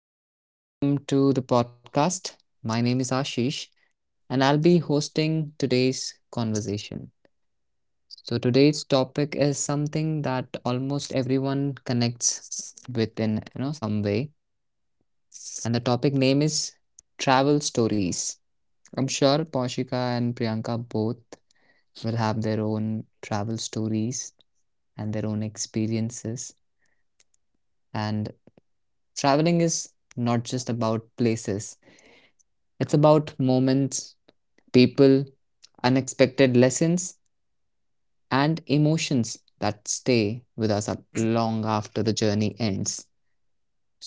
and welcome to the podcast. My name is Ashish, and I'll be hosting today's conversation. So, today's topic is something that almost everyone connects with in some way, and the topic name is travel stories. I'm sure Poshika and Priyanka both will have their own travel stories and their own experiences. And traveling is not just about places. It's about moments, people, unexpected lessons, and emotions that stay with us long after the journey ends.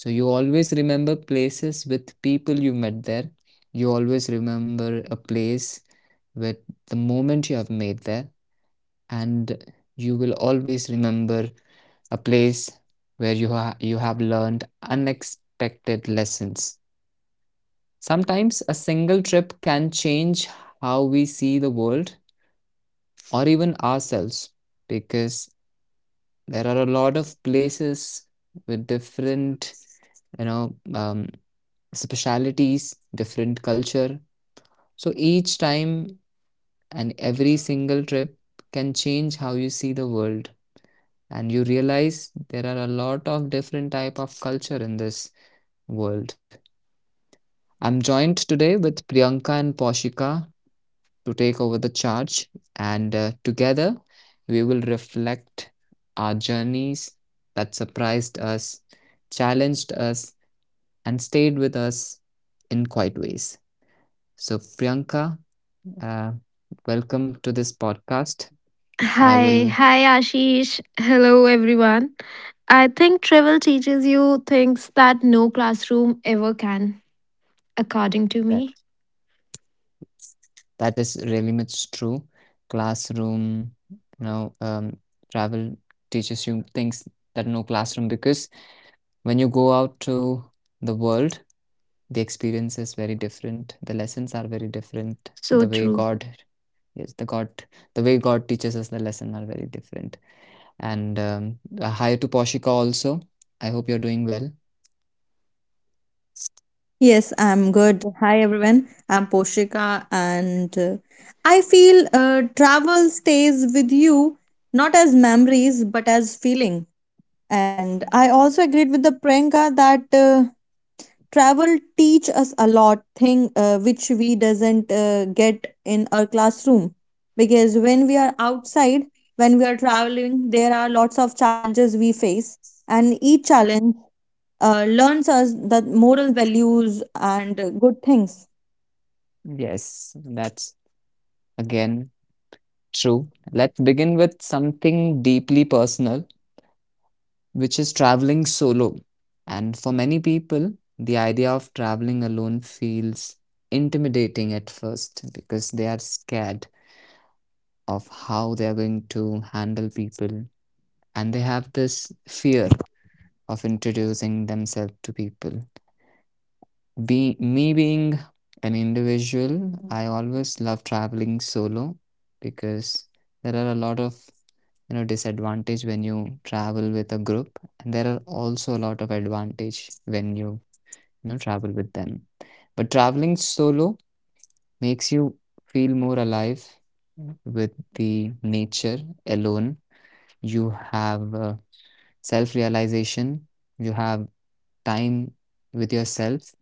So you always remember places with people you met there. You always remember a place with the moment you have made there, and you will always remember a place where you have learned unexpected lessons. Sometimes a single trip can change how we see the world or even ourselves because there are a lot of places with different, you know, um, specialities, different culture. So each time and every single trip can change how you see the world, and you realize there are a lot of different type of culture in this world. I'm joined today with Priyanka and Poshika to take over the charge, and together we will reflect our journeys that surprised us, challenged us, and stayed with us in quiet ways. So, Priyanka, uh, welcome to this podcast. I Hi, will hi Ashish. Hello everyone. I think travel teaches you things that no classroom ever can, according to that me. that is really much true. Classroom, travel teaches you things that no classroom, because when you go out to the world, the experience is very different, the lessons are very different, So the way true. god. Yes, the way god teaches us the lesson are very different. And hi to Poshika also. I hope you're doing well. Yes, I'm good. Hi, everyone. I'm Poshika, and I feel travel stays with you not as memories but as feeling. And I also agreed with the Priyanka that travel teach us a lot thing which we doesn't get in our classroom because when we are outside, when we are traveling, there are lots of challenges we face, and each challenge learns us the moral values and good things. Yes, that's again true. Let's begin with something deeply personal, which is traveling solo, and for many people, the idea of traveling alone feels intimidating at first because they are scared of how they are going to handle people, and they have this fear of introducing themselves to people. Be Me being an individual, I always love traveling solo because there are a lot of disadvantage when you travel with a group, and there are also a lot of advantage when you know travel with them. But traveling solo makes you feel more alive with the nature. Alone, you have self realization, you have time with yourself,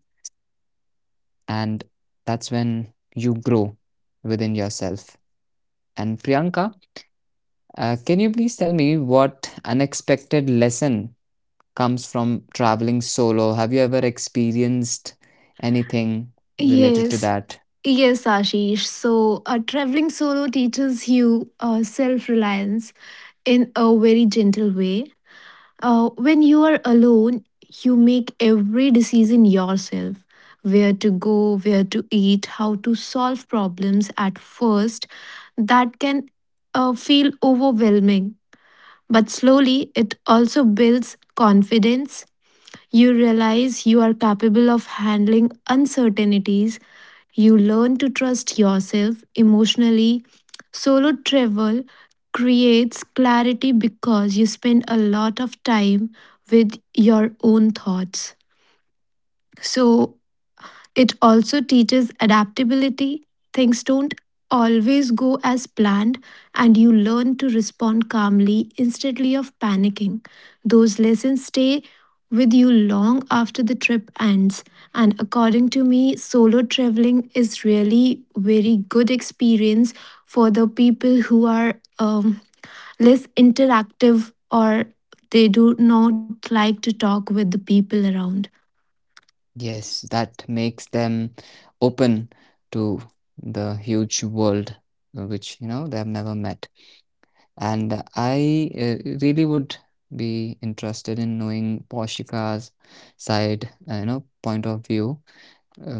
and that's when you grow within yourself. And Priyanka, can you please tell me what unexpected lesson comes from traveling solo? Have you ever experienced anything related Yes, to that? Yes, Ashish. Traveling solo teaches you self reliance in a very gentle way. When you are alone, you make every decision yourself, where to go, where to eat, how to solve problems at first. That can feel overwhelming, but slowly it also builds confidence. You realize you are capable of handling uncertainties. You learn to trust yourself emotionally. Solo travel creates clarity because you spend a lot of time with your own thoughts. So, it also teaches adaptability. Things don't always go as planned, and you learn to respond calmly instead of panicking. Those lessons stay with you long after the trip ends. And according to me, solo traveling is really very good experience for the people who are less interactive or they do not like to talk with the people around. Yes, that makes them open to the huge world, which they have never met. And I really would be interested in knowing Poshika's side, point of view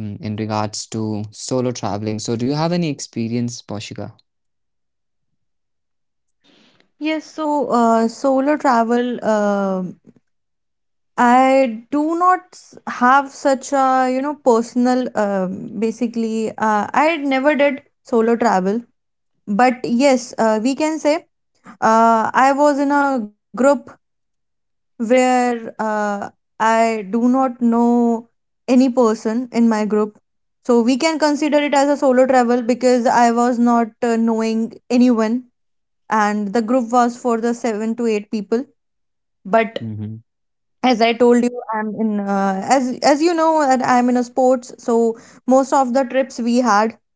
in regards to solo traveling. So, do you have any experience, Poshika? Yes, so solo travel, I do not s- have such a, you know, personal, basically, I never did solo travel. But yes, we can say I was in a group where I do not know any person in my group. So we can consider it as a solo travel because I was not knowing anyone and the group was for the 7 to 8 people. But Hmm. as I told you, I'm in as you know that I'm in a sports, so most of the trips we had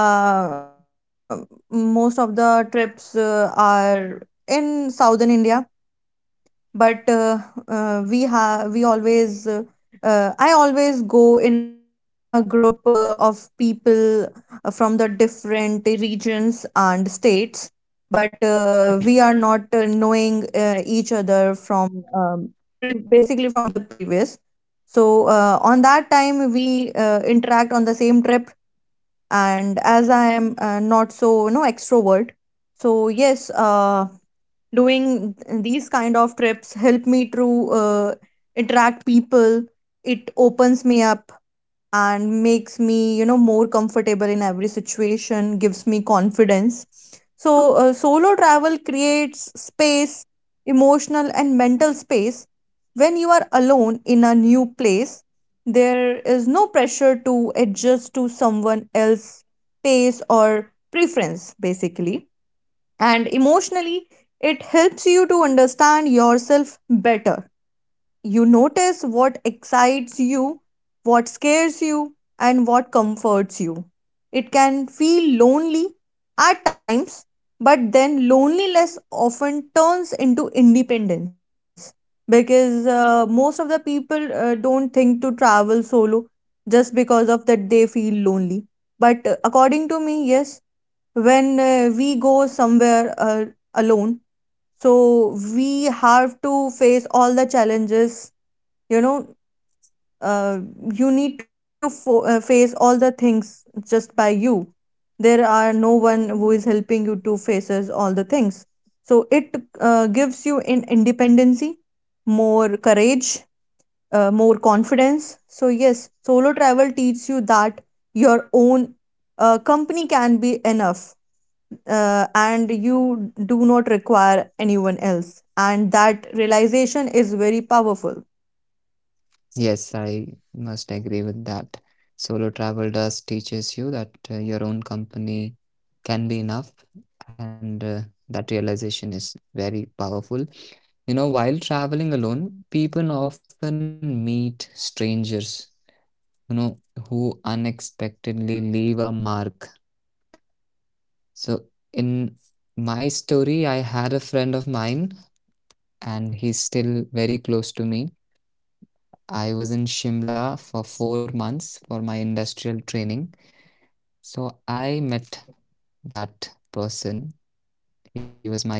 uh most of the trips are in southern India, but we always I always go in a group of people from the different regions and states, but we are not knowing each other from basically from the previous. So on that time we interact on the same trip, and as I am not so, you know, extrovert, so yes, doing these kind of trips help me to uh, interact people. It opens me up and makes me, you know, more comfortable in every situation, gives me confidence. So solo travel creates space, emotional and mental space. When you are alone in a new place, there is no pressure to adjust to someone else's pace or preference, basically. And emotionally, it helps you to understand yourself better. You notice what excites you, what scares you, and what comforts you. It can feel lonely at times, but then loneliness often turns into independence, because most of the people don't think to travel solo just because of that they feel lonely. But according to me, yes, when we go somewhere alone, so we have to face all the challenges, you know. uh, you need to face all the things just by you. There are no one who is helping you to faces all the things. So it gives you in independency, more courage, more confidence. So yes, solo travel teaches you that your own company can be enough, and you do not require anyone else. And that realization is very powerful. Yes, I must agree with that. Solo travel does teaches you that your own company can be enough, and that realization is very powerful. You know, while traveling alone, people often meet strangers, you know, who unexpectedly leave a mark. So, in my story, I had a friend of mine, and he's still very close to me. I was in Shimla for 4 months for my industrial training. So, I met that person. He was my PG mate,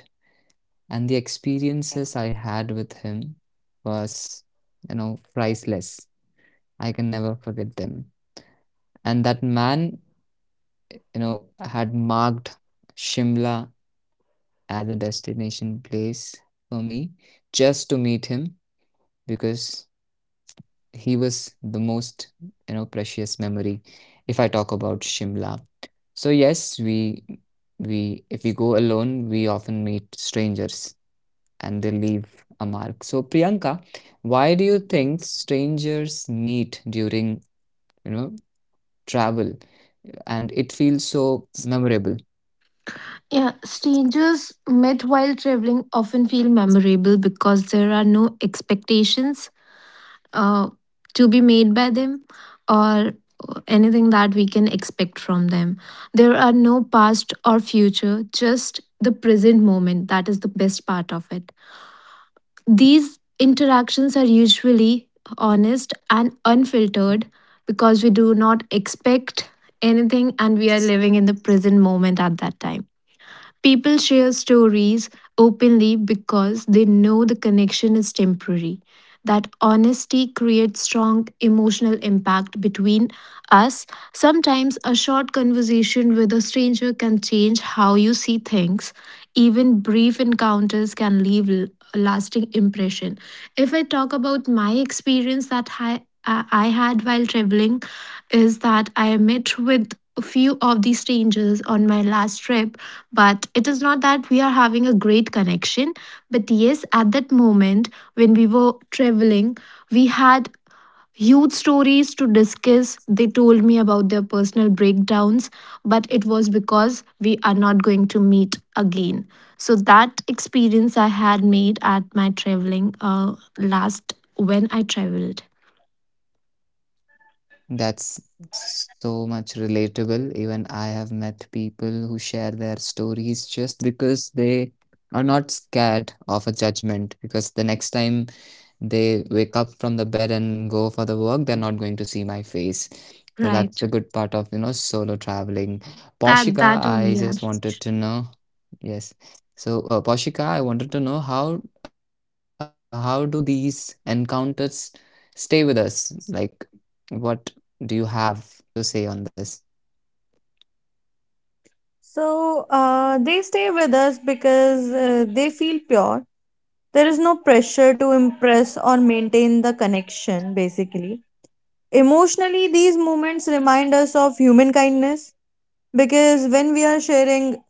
and the experiences I had with him was, priceless. I can never forget them. And that man, had marked Shimla as a destination place for me just to meet him because he was the most, precious memory if I talk about Shimla. So yes, we if we go alone, we often meet strangers, and they leave a mark. So Priyanka, why do you think strangers meet during, you know, travel and it feels so memorable? Yeah, strangers met while traveling often feel memorable because there are no expectations uh, to be made by them or anything that we can expect from them. There are no past or future, just the present moment. That is the best part of it. These interactions are usually honest and unfiltered because we do not expect anything, and we are living in the present moment at that time. People share stories openly because they know the connection is temporary. That honesty creates strong emotional impact between us. Sometimes a short conversation with a stranger can change how you see things. Even brief encounters can leave a lasting impression. If I talk about my experience that I had while traveling, is that I met with a few of the strangers on my last trip, but it is not that we are having a great connection. But yes, at that moment when we were traveling, we had huge stories to discuss. They told me about their personal breakdowns, but it was because we are not going to meet again. So that experience I had made at my traveling last when I traveled. That's so much relatable. Even I have met people who share their stories just because they are not scared of a judgment. Because the next time they wake up from the bed and go for the work, they're not going to see my face. So that's the good Right. part of, solo traveling. Poshika, That I that just only. Yeah. wanted to know. Yes. So, Poshika, I wanted to know how do these encounters stay with us? Like, what do you have to say on this? So they stay with us because they feel pure. There is no pressure to impress or maintain the connection, basically. Emotionally, these moments remind us of human kindness, because when we are sharing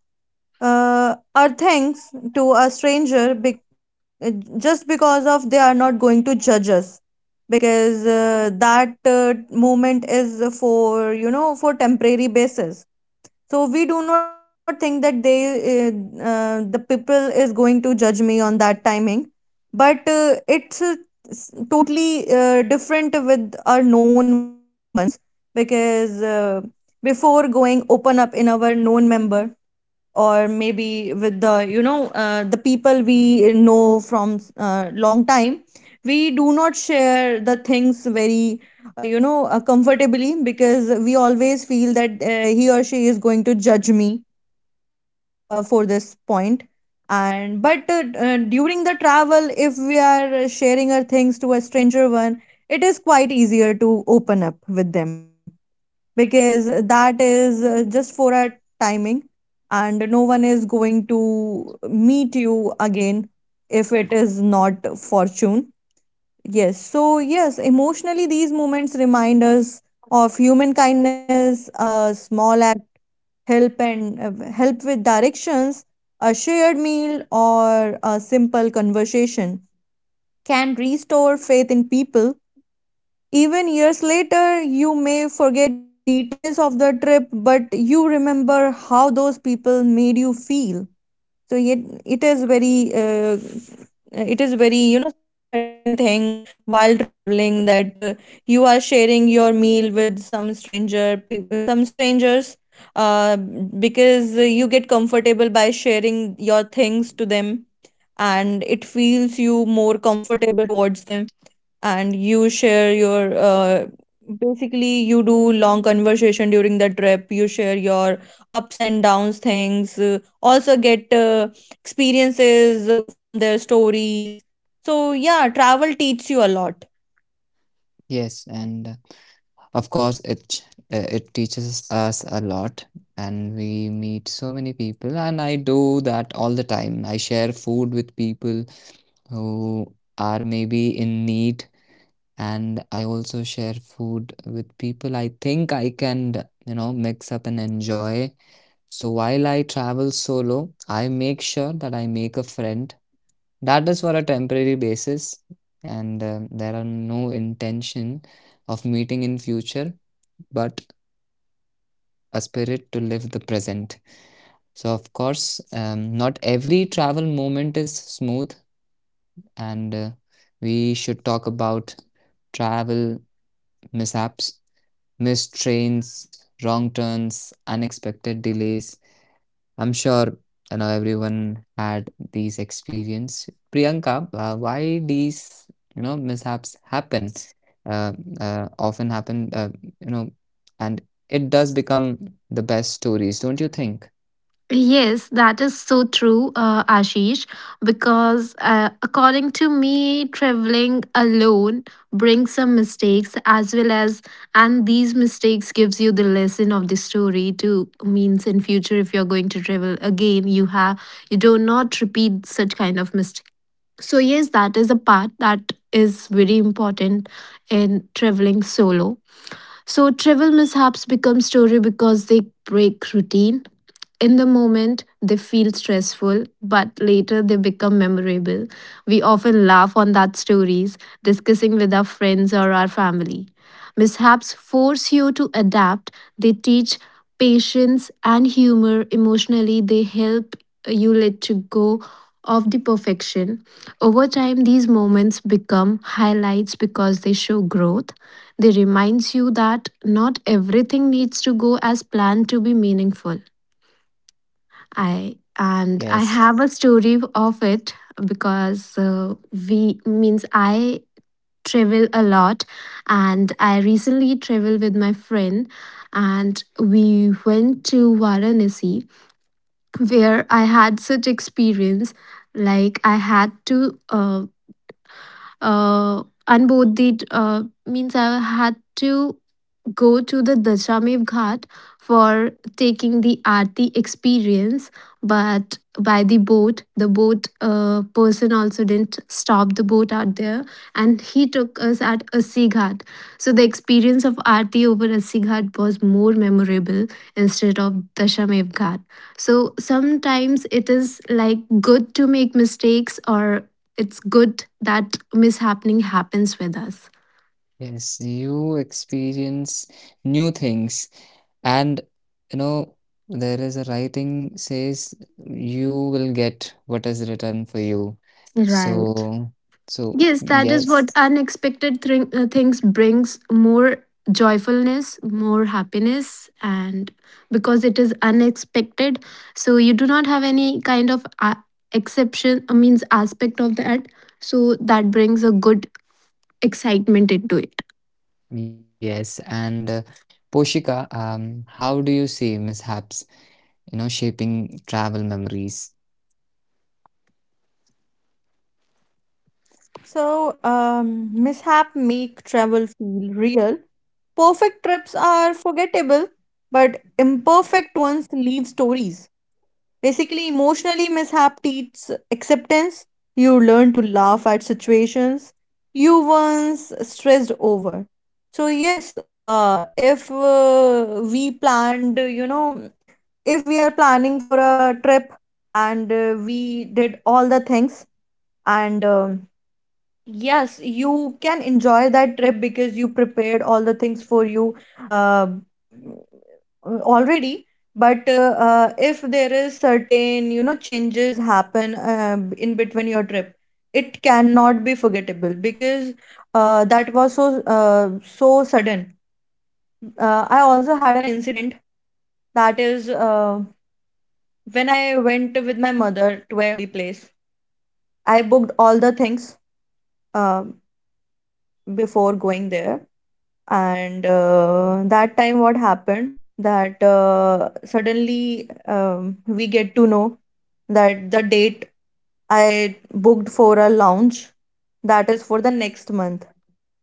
our thanks to a stranger, just because of they are not going to judge us, because that moment is for, you know, for temporary basis. So we do not think that they uh, the people is going to judge me on that timing. But it's totally different with our known ones, because before going open up in our known member, or maybe with the, you know, the people we know from long time, we do not share the things very you know comfortably, because we always feel that he or she is going to judge me for this point. And but during the travel if we are sharing our things to a stranger one, it is quite easier to open up with them, because that is just for a timing and no one is going to meet you again if it is not fortune. Yes, so yes, emotionally these moments remind us of human kindness. A small act, help and help with directions, a shared meal or a simple conversation can restore faith in people. Even years later, you may forget details of the trip, but you remember how those people made you feel. So it is very it is very, you know, certain thing while traveling that you are sharing your meal with some stranger people, some strangers, uh, because you get comfortable by sharing your things to them, and it feels you more comfortable towards them, and you share your basically you do long conversation during the trip. You share your ups and downs things, also get experiences from their stories. So yeah, travel teaches you a lot. Yes, and of course it teaches us a lot, and we meet so many people, and I do that all the time. I share food with people who are maybe in need, and I also share food with people I think I can, mix up and enjoy. So while I travel solo, I make sure that I make a friend. That is for a temporary basis, and there are no intention of meeting in future, but a spirit to live the present. So of course, not every travel moment is smooth, and we should talk about travel mishaps, missed trains, wrong turns, unexpected delays. I'm sure everyone had these experience. Priyanka, why these mishaps happen? Uh, Often happen, you know, and it does become the best stories, don't you think? Yes, that is so true, Ashish, because according to me, traveling alone brings some mistakes as well as, and these mistakes gives you the lesson of the story too, means in future if you're going to travel again, you have you do not repeat such kind of mistake. So yes, that is a part that is very important in traveling solo. So trivial mishaps become story because they break routine. In the moment, they feel stressful, but later they become memorable. We often laugh on that stories, discussing with our friends or our family. Mishaps force you to adapt. They teach patience and humor emotionally. They help you let to go of the perfection. Over time, these moments become highlights because they show growth. They reminds you that not everything needs to go as planned to be meaningful. Yes, I have a story of it because we means I travel a lot, and I recently traveled with my friend and we went to Varanasi, where I had such experience like I had to unboard the means I had to go to the Dashamev Ghat for taking the Aarti experience. But by the boat, the boat person also didn't stop the boat out there, and he took us at Assi Ghat. So the experience of Aarti over Assi Ghat was more memorable instead of Dashamev Ghat. So sometimes it is like good to make mistakes, or it's good that mishappening happens with us. yes, you experience new things, and you know there is a writing says you will get what is written for you. Right. So, so, Yes, that is yes. what unexpected things brings more joyfulness, more happiness, and because it is unexpected, so you do not have any kind of exception, means aspect of that. So that brings a good excitement into it. Yes, and Poshika, how do you see mishaps, shaping travel memories? So mishap make travel feel real. Perfect trips are forgettable, but imperfect ones leave stories. Basically, emotionally mishap teaches acceptance. You learn to laugh at situations you once stressed over. So yes, if we planned, you know, if we are planning for a trip and we did all the things, and yes, you can enjoy that trip because you prepared all the things for you uh, already. But if there is certain, you know, changes happen in between your trip, it cannot be forgettable because that was so so sudden. I also had an incident that is when I went with my mother to a holy place. I booked all the things uh, before going there. And that time, what happened that suddenly we get to know that the date I booked for a lounge, that is for the next month,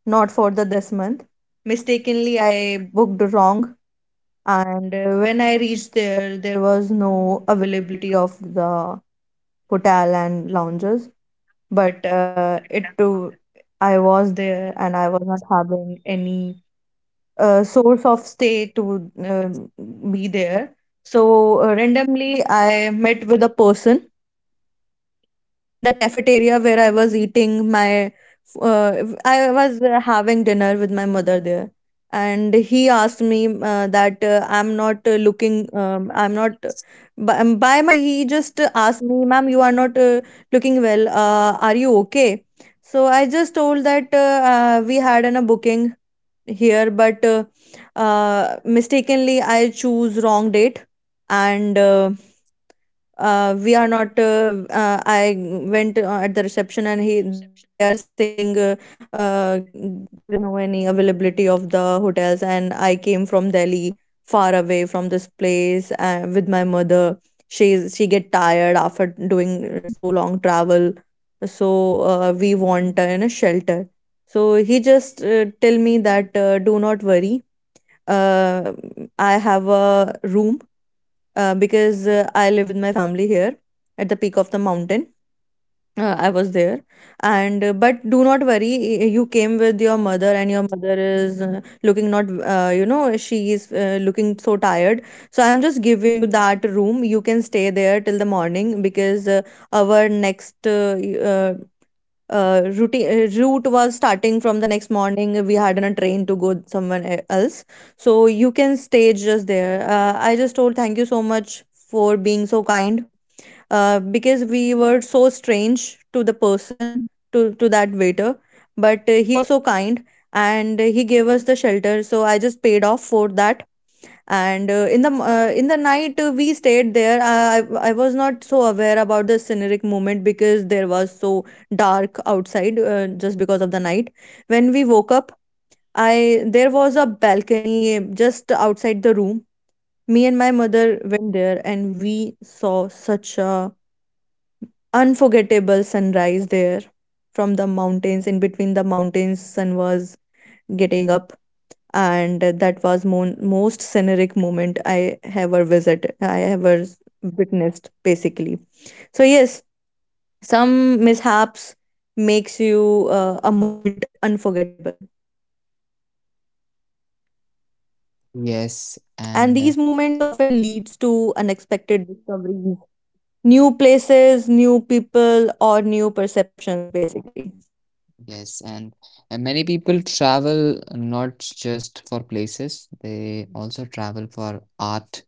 not for the this month. Mistakenly, I booked wrong, and when I reached there, there was no availability of the hotel and lounges, but it too I was there and I was not having any source of stay to be there. So randomly, I met with a person in the cafeteria where I was eating my. I was having dinner with my mother there, and he asked me that I'm not looking. I'm not. By my face, he just asked me, "Ma'am, you are not looking well. Are you okay?" So I just told that we had an, a booking here, but mistakenly I choose wrong date, and we are not I went at the reception and he they are saying uh, there is no any availability of the hotels, and I came from delhi, far away from this place with my mother. She get tired after doing so long travel. So we want in a shelter. So he just tell me that do not worry, uh, I have a room, because I live with my family here at the peak of the mountain. I was there, and but do not worry. You came with your mother, and your mother is looking not. You know, she is looking so tired. So I'm just giving you that room. You can stay there till the morning because our next routine, route was starting from the next morning. We had a train to go somewhere else. So you can stay just there. I just told thank you so much for being so kind, because we were so strange to the person, to that waiter. But he was so kind, and he gave us the shelter. So I just paid off for that, and in the in the night we stayed there. I was not so aware about the scenic moment because there was so dark outside, just because of the night. When we woke up, I there was a balcony just outside the room. Me and my mother went there, and we saw such a unforgettable sunrise there. From the mountains, in between the mountains, sun was getting up, and that was most scenic moment I ever visited, I ever witnessed, basically. So yes, some mishaps makes you a moment unforgettable, Yes, and and these moments often leads to unexpected discoveries, new places, new people, or new perceptions, basically. yes, and, many people travel not just for places, they also travel for art,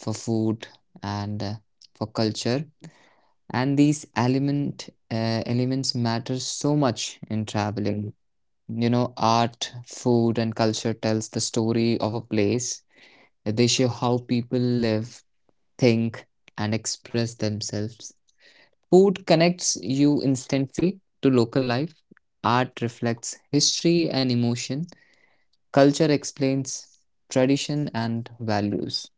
for food, and for culture. And these elements matter so much in traveling. You know, art, food, and culture tells the story of a place. They show how people live, think, and express themselves. Food connects you instantly to local life. Art reflects history and emotion. Culture explains tradition and values.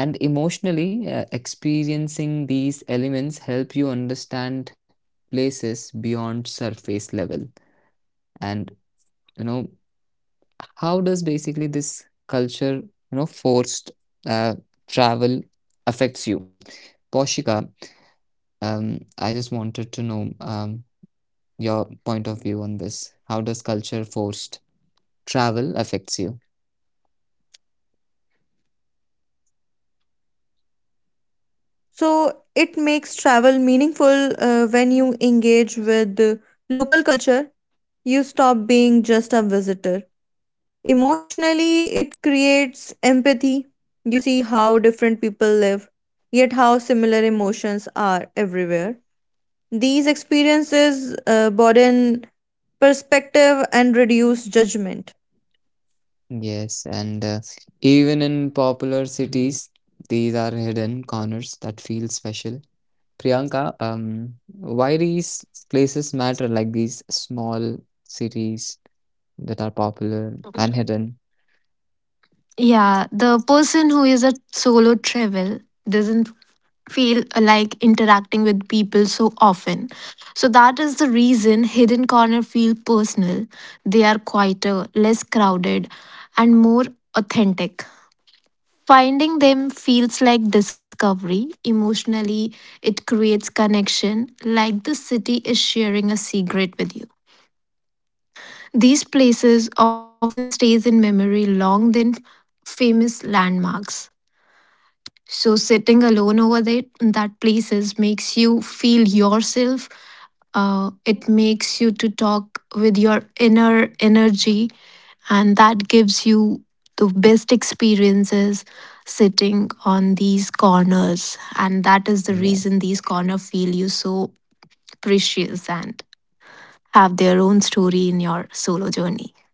And emotionally, experiencing these elements help you understand places beyond surface level. And you know, How does basically this culture, forced uh, travel affects you? Poshika, I just wanted to know your point of view on this. How does culture forced travel affects you? So it makes travel meaningful when you engage with the local culture. You stop being just a visitor. Emotionally, it creates empathy. You see how different people live, yet how similar emotions are everywhere. These experiences broaden perspective and reduce judgment. Yes, and even in popular cities, these are hidden corners that feel special. Priyanka, why these places matter, like these small cities that are popular and hidden? Yeah, the person who is a solo travel doesn't feel like interacting with people so often. So that is the reason Hidden Corner feel personal. They are quieter, less crowded, and more authentic. Finding them feels like discovery. Emotionally, it creates connection, like the city is sharing a secret with you. These places often stays in memory long than famous landmarks. So sitting alone over there that places makes you feel yourself. It makes you to talk with your inner energy, and that gives you the best experiences sitting on these corners. And that is the Yes. reason these corners feel you so precious and have their own story in your solo journey.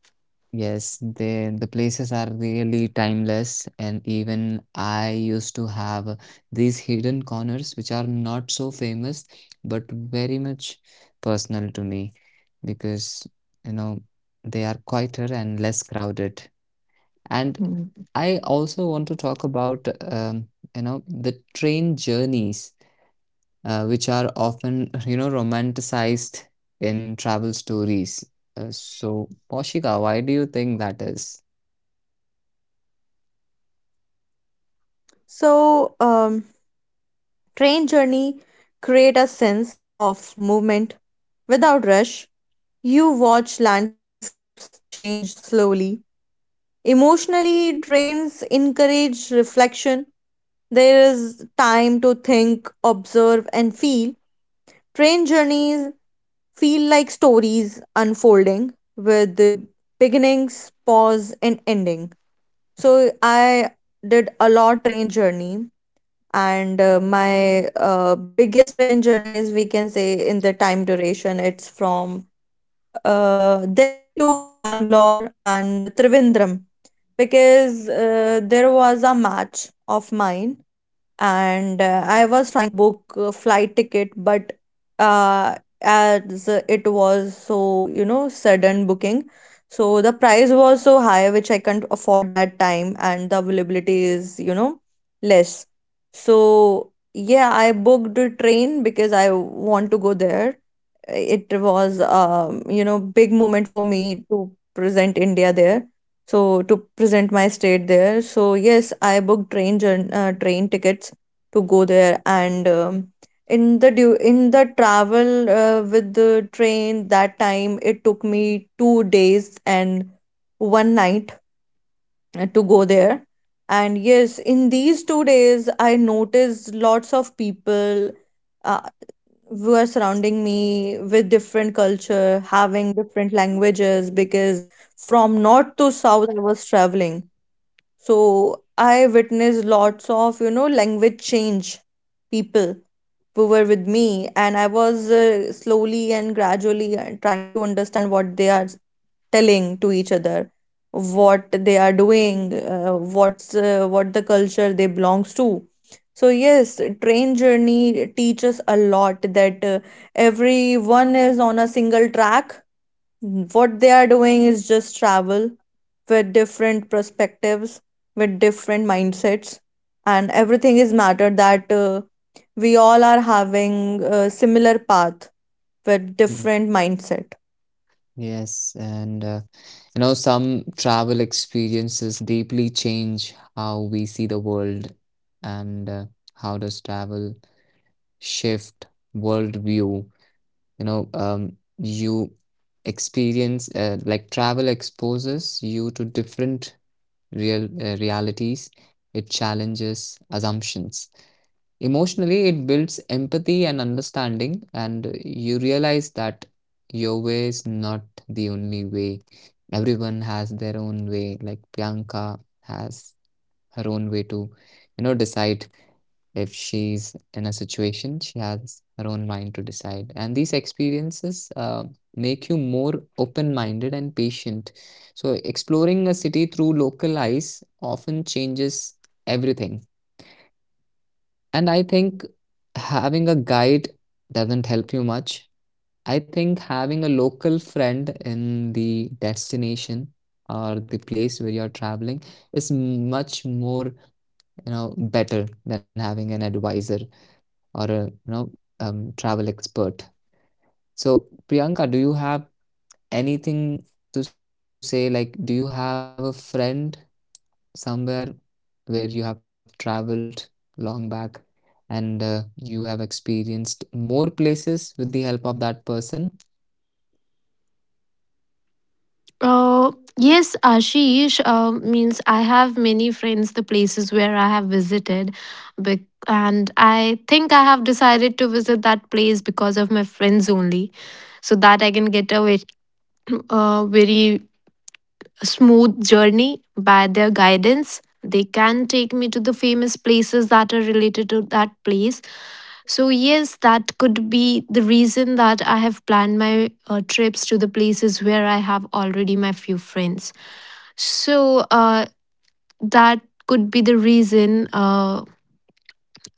Yes, the places are really timeless, and even I used to have these hidden corners which are not so famous, but very much personal to me because you know they are quieter and less crowded. And I also want to talk about the train journeys, which are often romanticized in travel stories. So, Poshika, why do you think that is? So, train journey create a sense of movement without rush. You watch landscapes change slowly. Emotionally, trains encourage reflection. There is time to think, observe, and feel. Train journeys feel like stories unfolding with the beginnings, pause, and ending. So I did a lot train journey, and my biggest train journey is, we can say, in the time duration, it's from Delhi to Bangalore and Trivandrum, because there was a match of mine, and I was trying to book a flight ticket, but uh, as it was so, you know, sudden booking, so the price was so high, which I can't afford that time, and the availability is, you know, less. So, yeah, I booked a train because I want to go there. It was you know, big moment for me to present india there, so to present my state there. So yes, I booked train tickets to go there, and in the in the travel with the train that time, it took me 2 days and one night to go there. And yes, in these 2 days I noticed lots of people uh, who are surrounding me with different culture, having different languages, because from north to south I was traveling. So I witnessed lots of, you know, language change. People who were with me, and I was slowly and gradually trying to understand what they are telling to each other, what they are doing, what the culture they belongs to. So yes, train journey teaches a lot that everyone is on a single track. What they are doing is just travel with different perspectives, with different mindsets, and everything is matter that we all are having a similar path with Mm. different mindset. Yes, and some travel experiences deeply change how we see the world, and how does travel shift worldview? You know, you experience like travel exposes you to different realities. It challenges assumptions. Emotionally, it builds empathy and understanding, and you realize that your way is not the only way. Everyone has their own way. Like Priyanka has her own way to, decide if she's in a situation, she has her own mind to decide. And these experiences make you more open-minded and patient. So, exploring a city through local eyes often changes everything. And I think having a guide doesn't help you much. I think having a local friend in the destination or the place where you're traveling is much more, better than having an advisor or a, travel expert. So, Priyanka, do you have anything to say? Like, do you have a friend somewhere where you have traveled long back, and you have experienced more places with the help of that person. Uh, yes, Ashish. Means I have many friends. The places where I have visited, bec- and I think I have decided to visit that place because of my friends only, so that I can get a very, very smooth journey by their guidance. They can take me to the famous places that are related to that place. So, yes, that could be the reason that I have planned my trips to the places where I have already my few friends. So, that could be the reason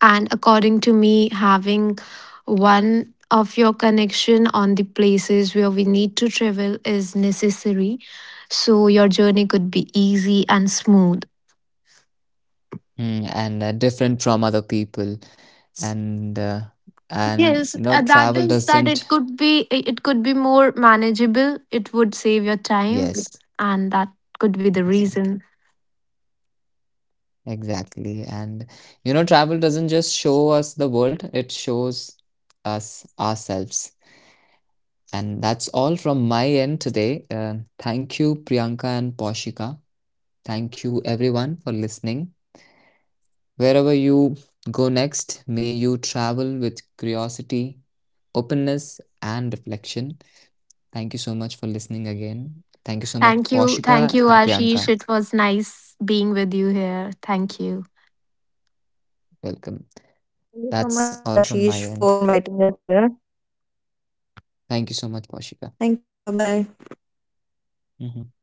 and according to me, having one of your connection on the places where we need to travel is necessary, so your journey could be easy and smooth. And different from other people, and uh, and Yes, you know that travel is that doesn't. it could be more manageable, it would save your time, Yes, and that could be the exa- reason. exactly, and travel doesn't just show us the world, it shows us ourselves. And that's all from my end today. Thank you, Priyanka and Poshika. Thank you, everyone, for listening. Wherever you go next, may you travel with curiosity, openness, and reflection. Thank you so much for listening again. Thank you so much, Thank you, thank Poshika you and Ashish. Priyanka. It was nice being with you here. Thank you. Welcome. Thank you so much, That's Ashish, all for from my inviting end. us here. Thank you so much, Thank you. Bye Poshika. bye. Mhm.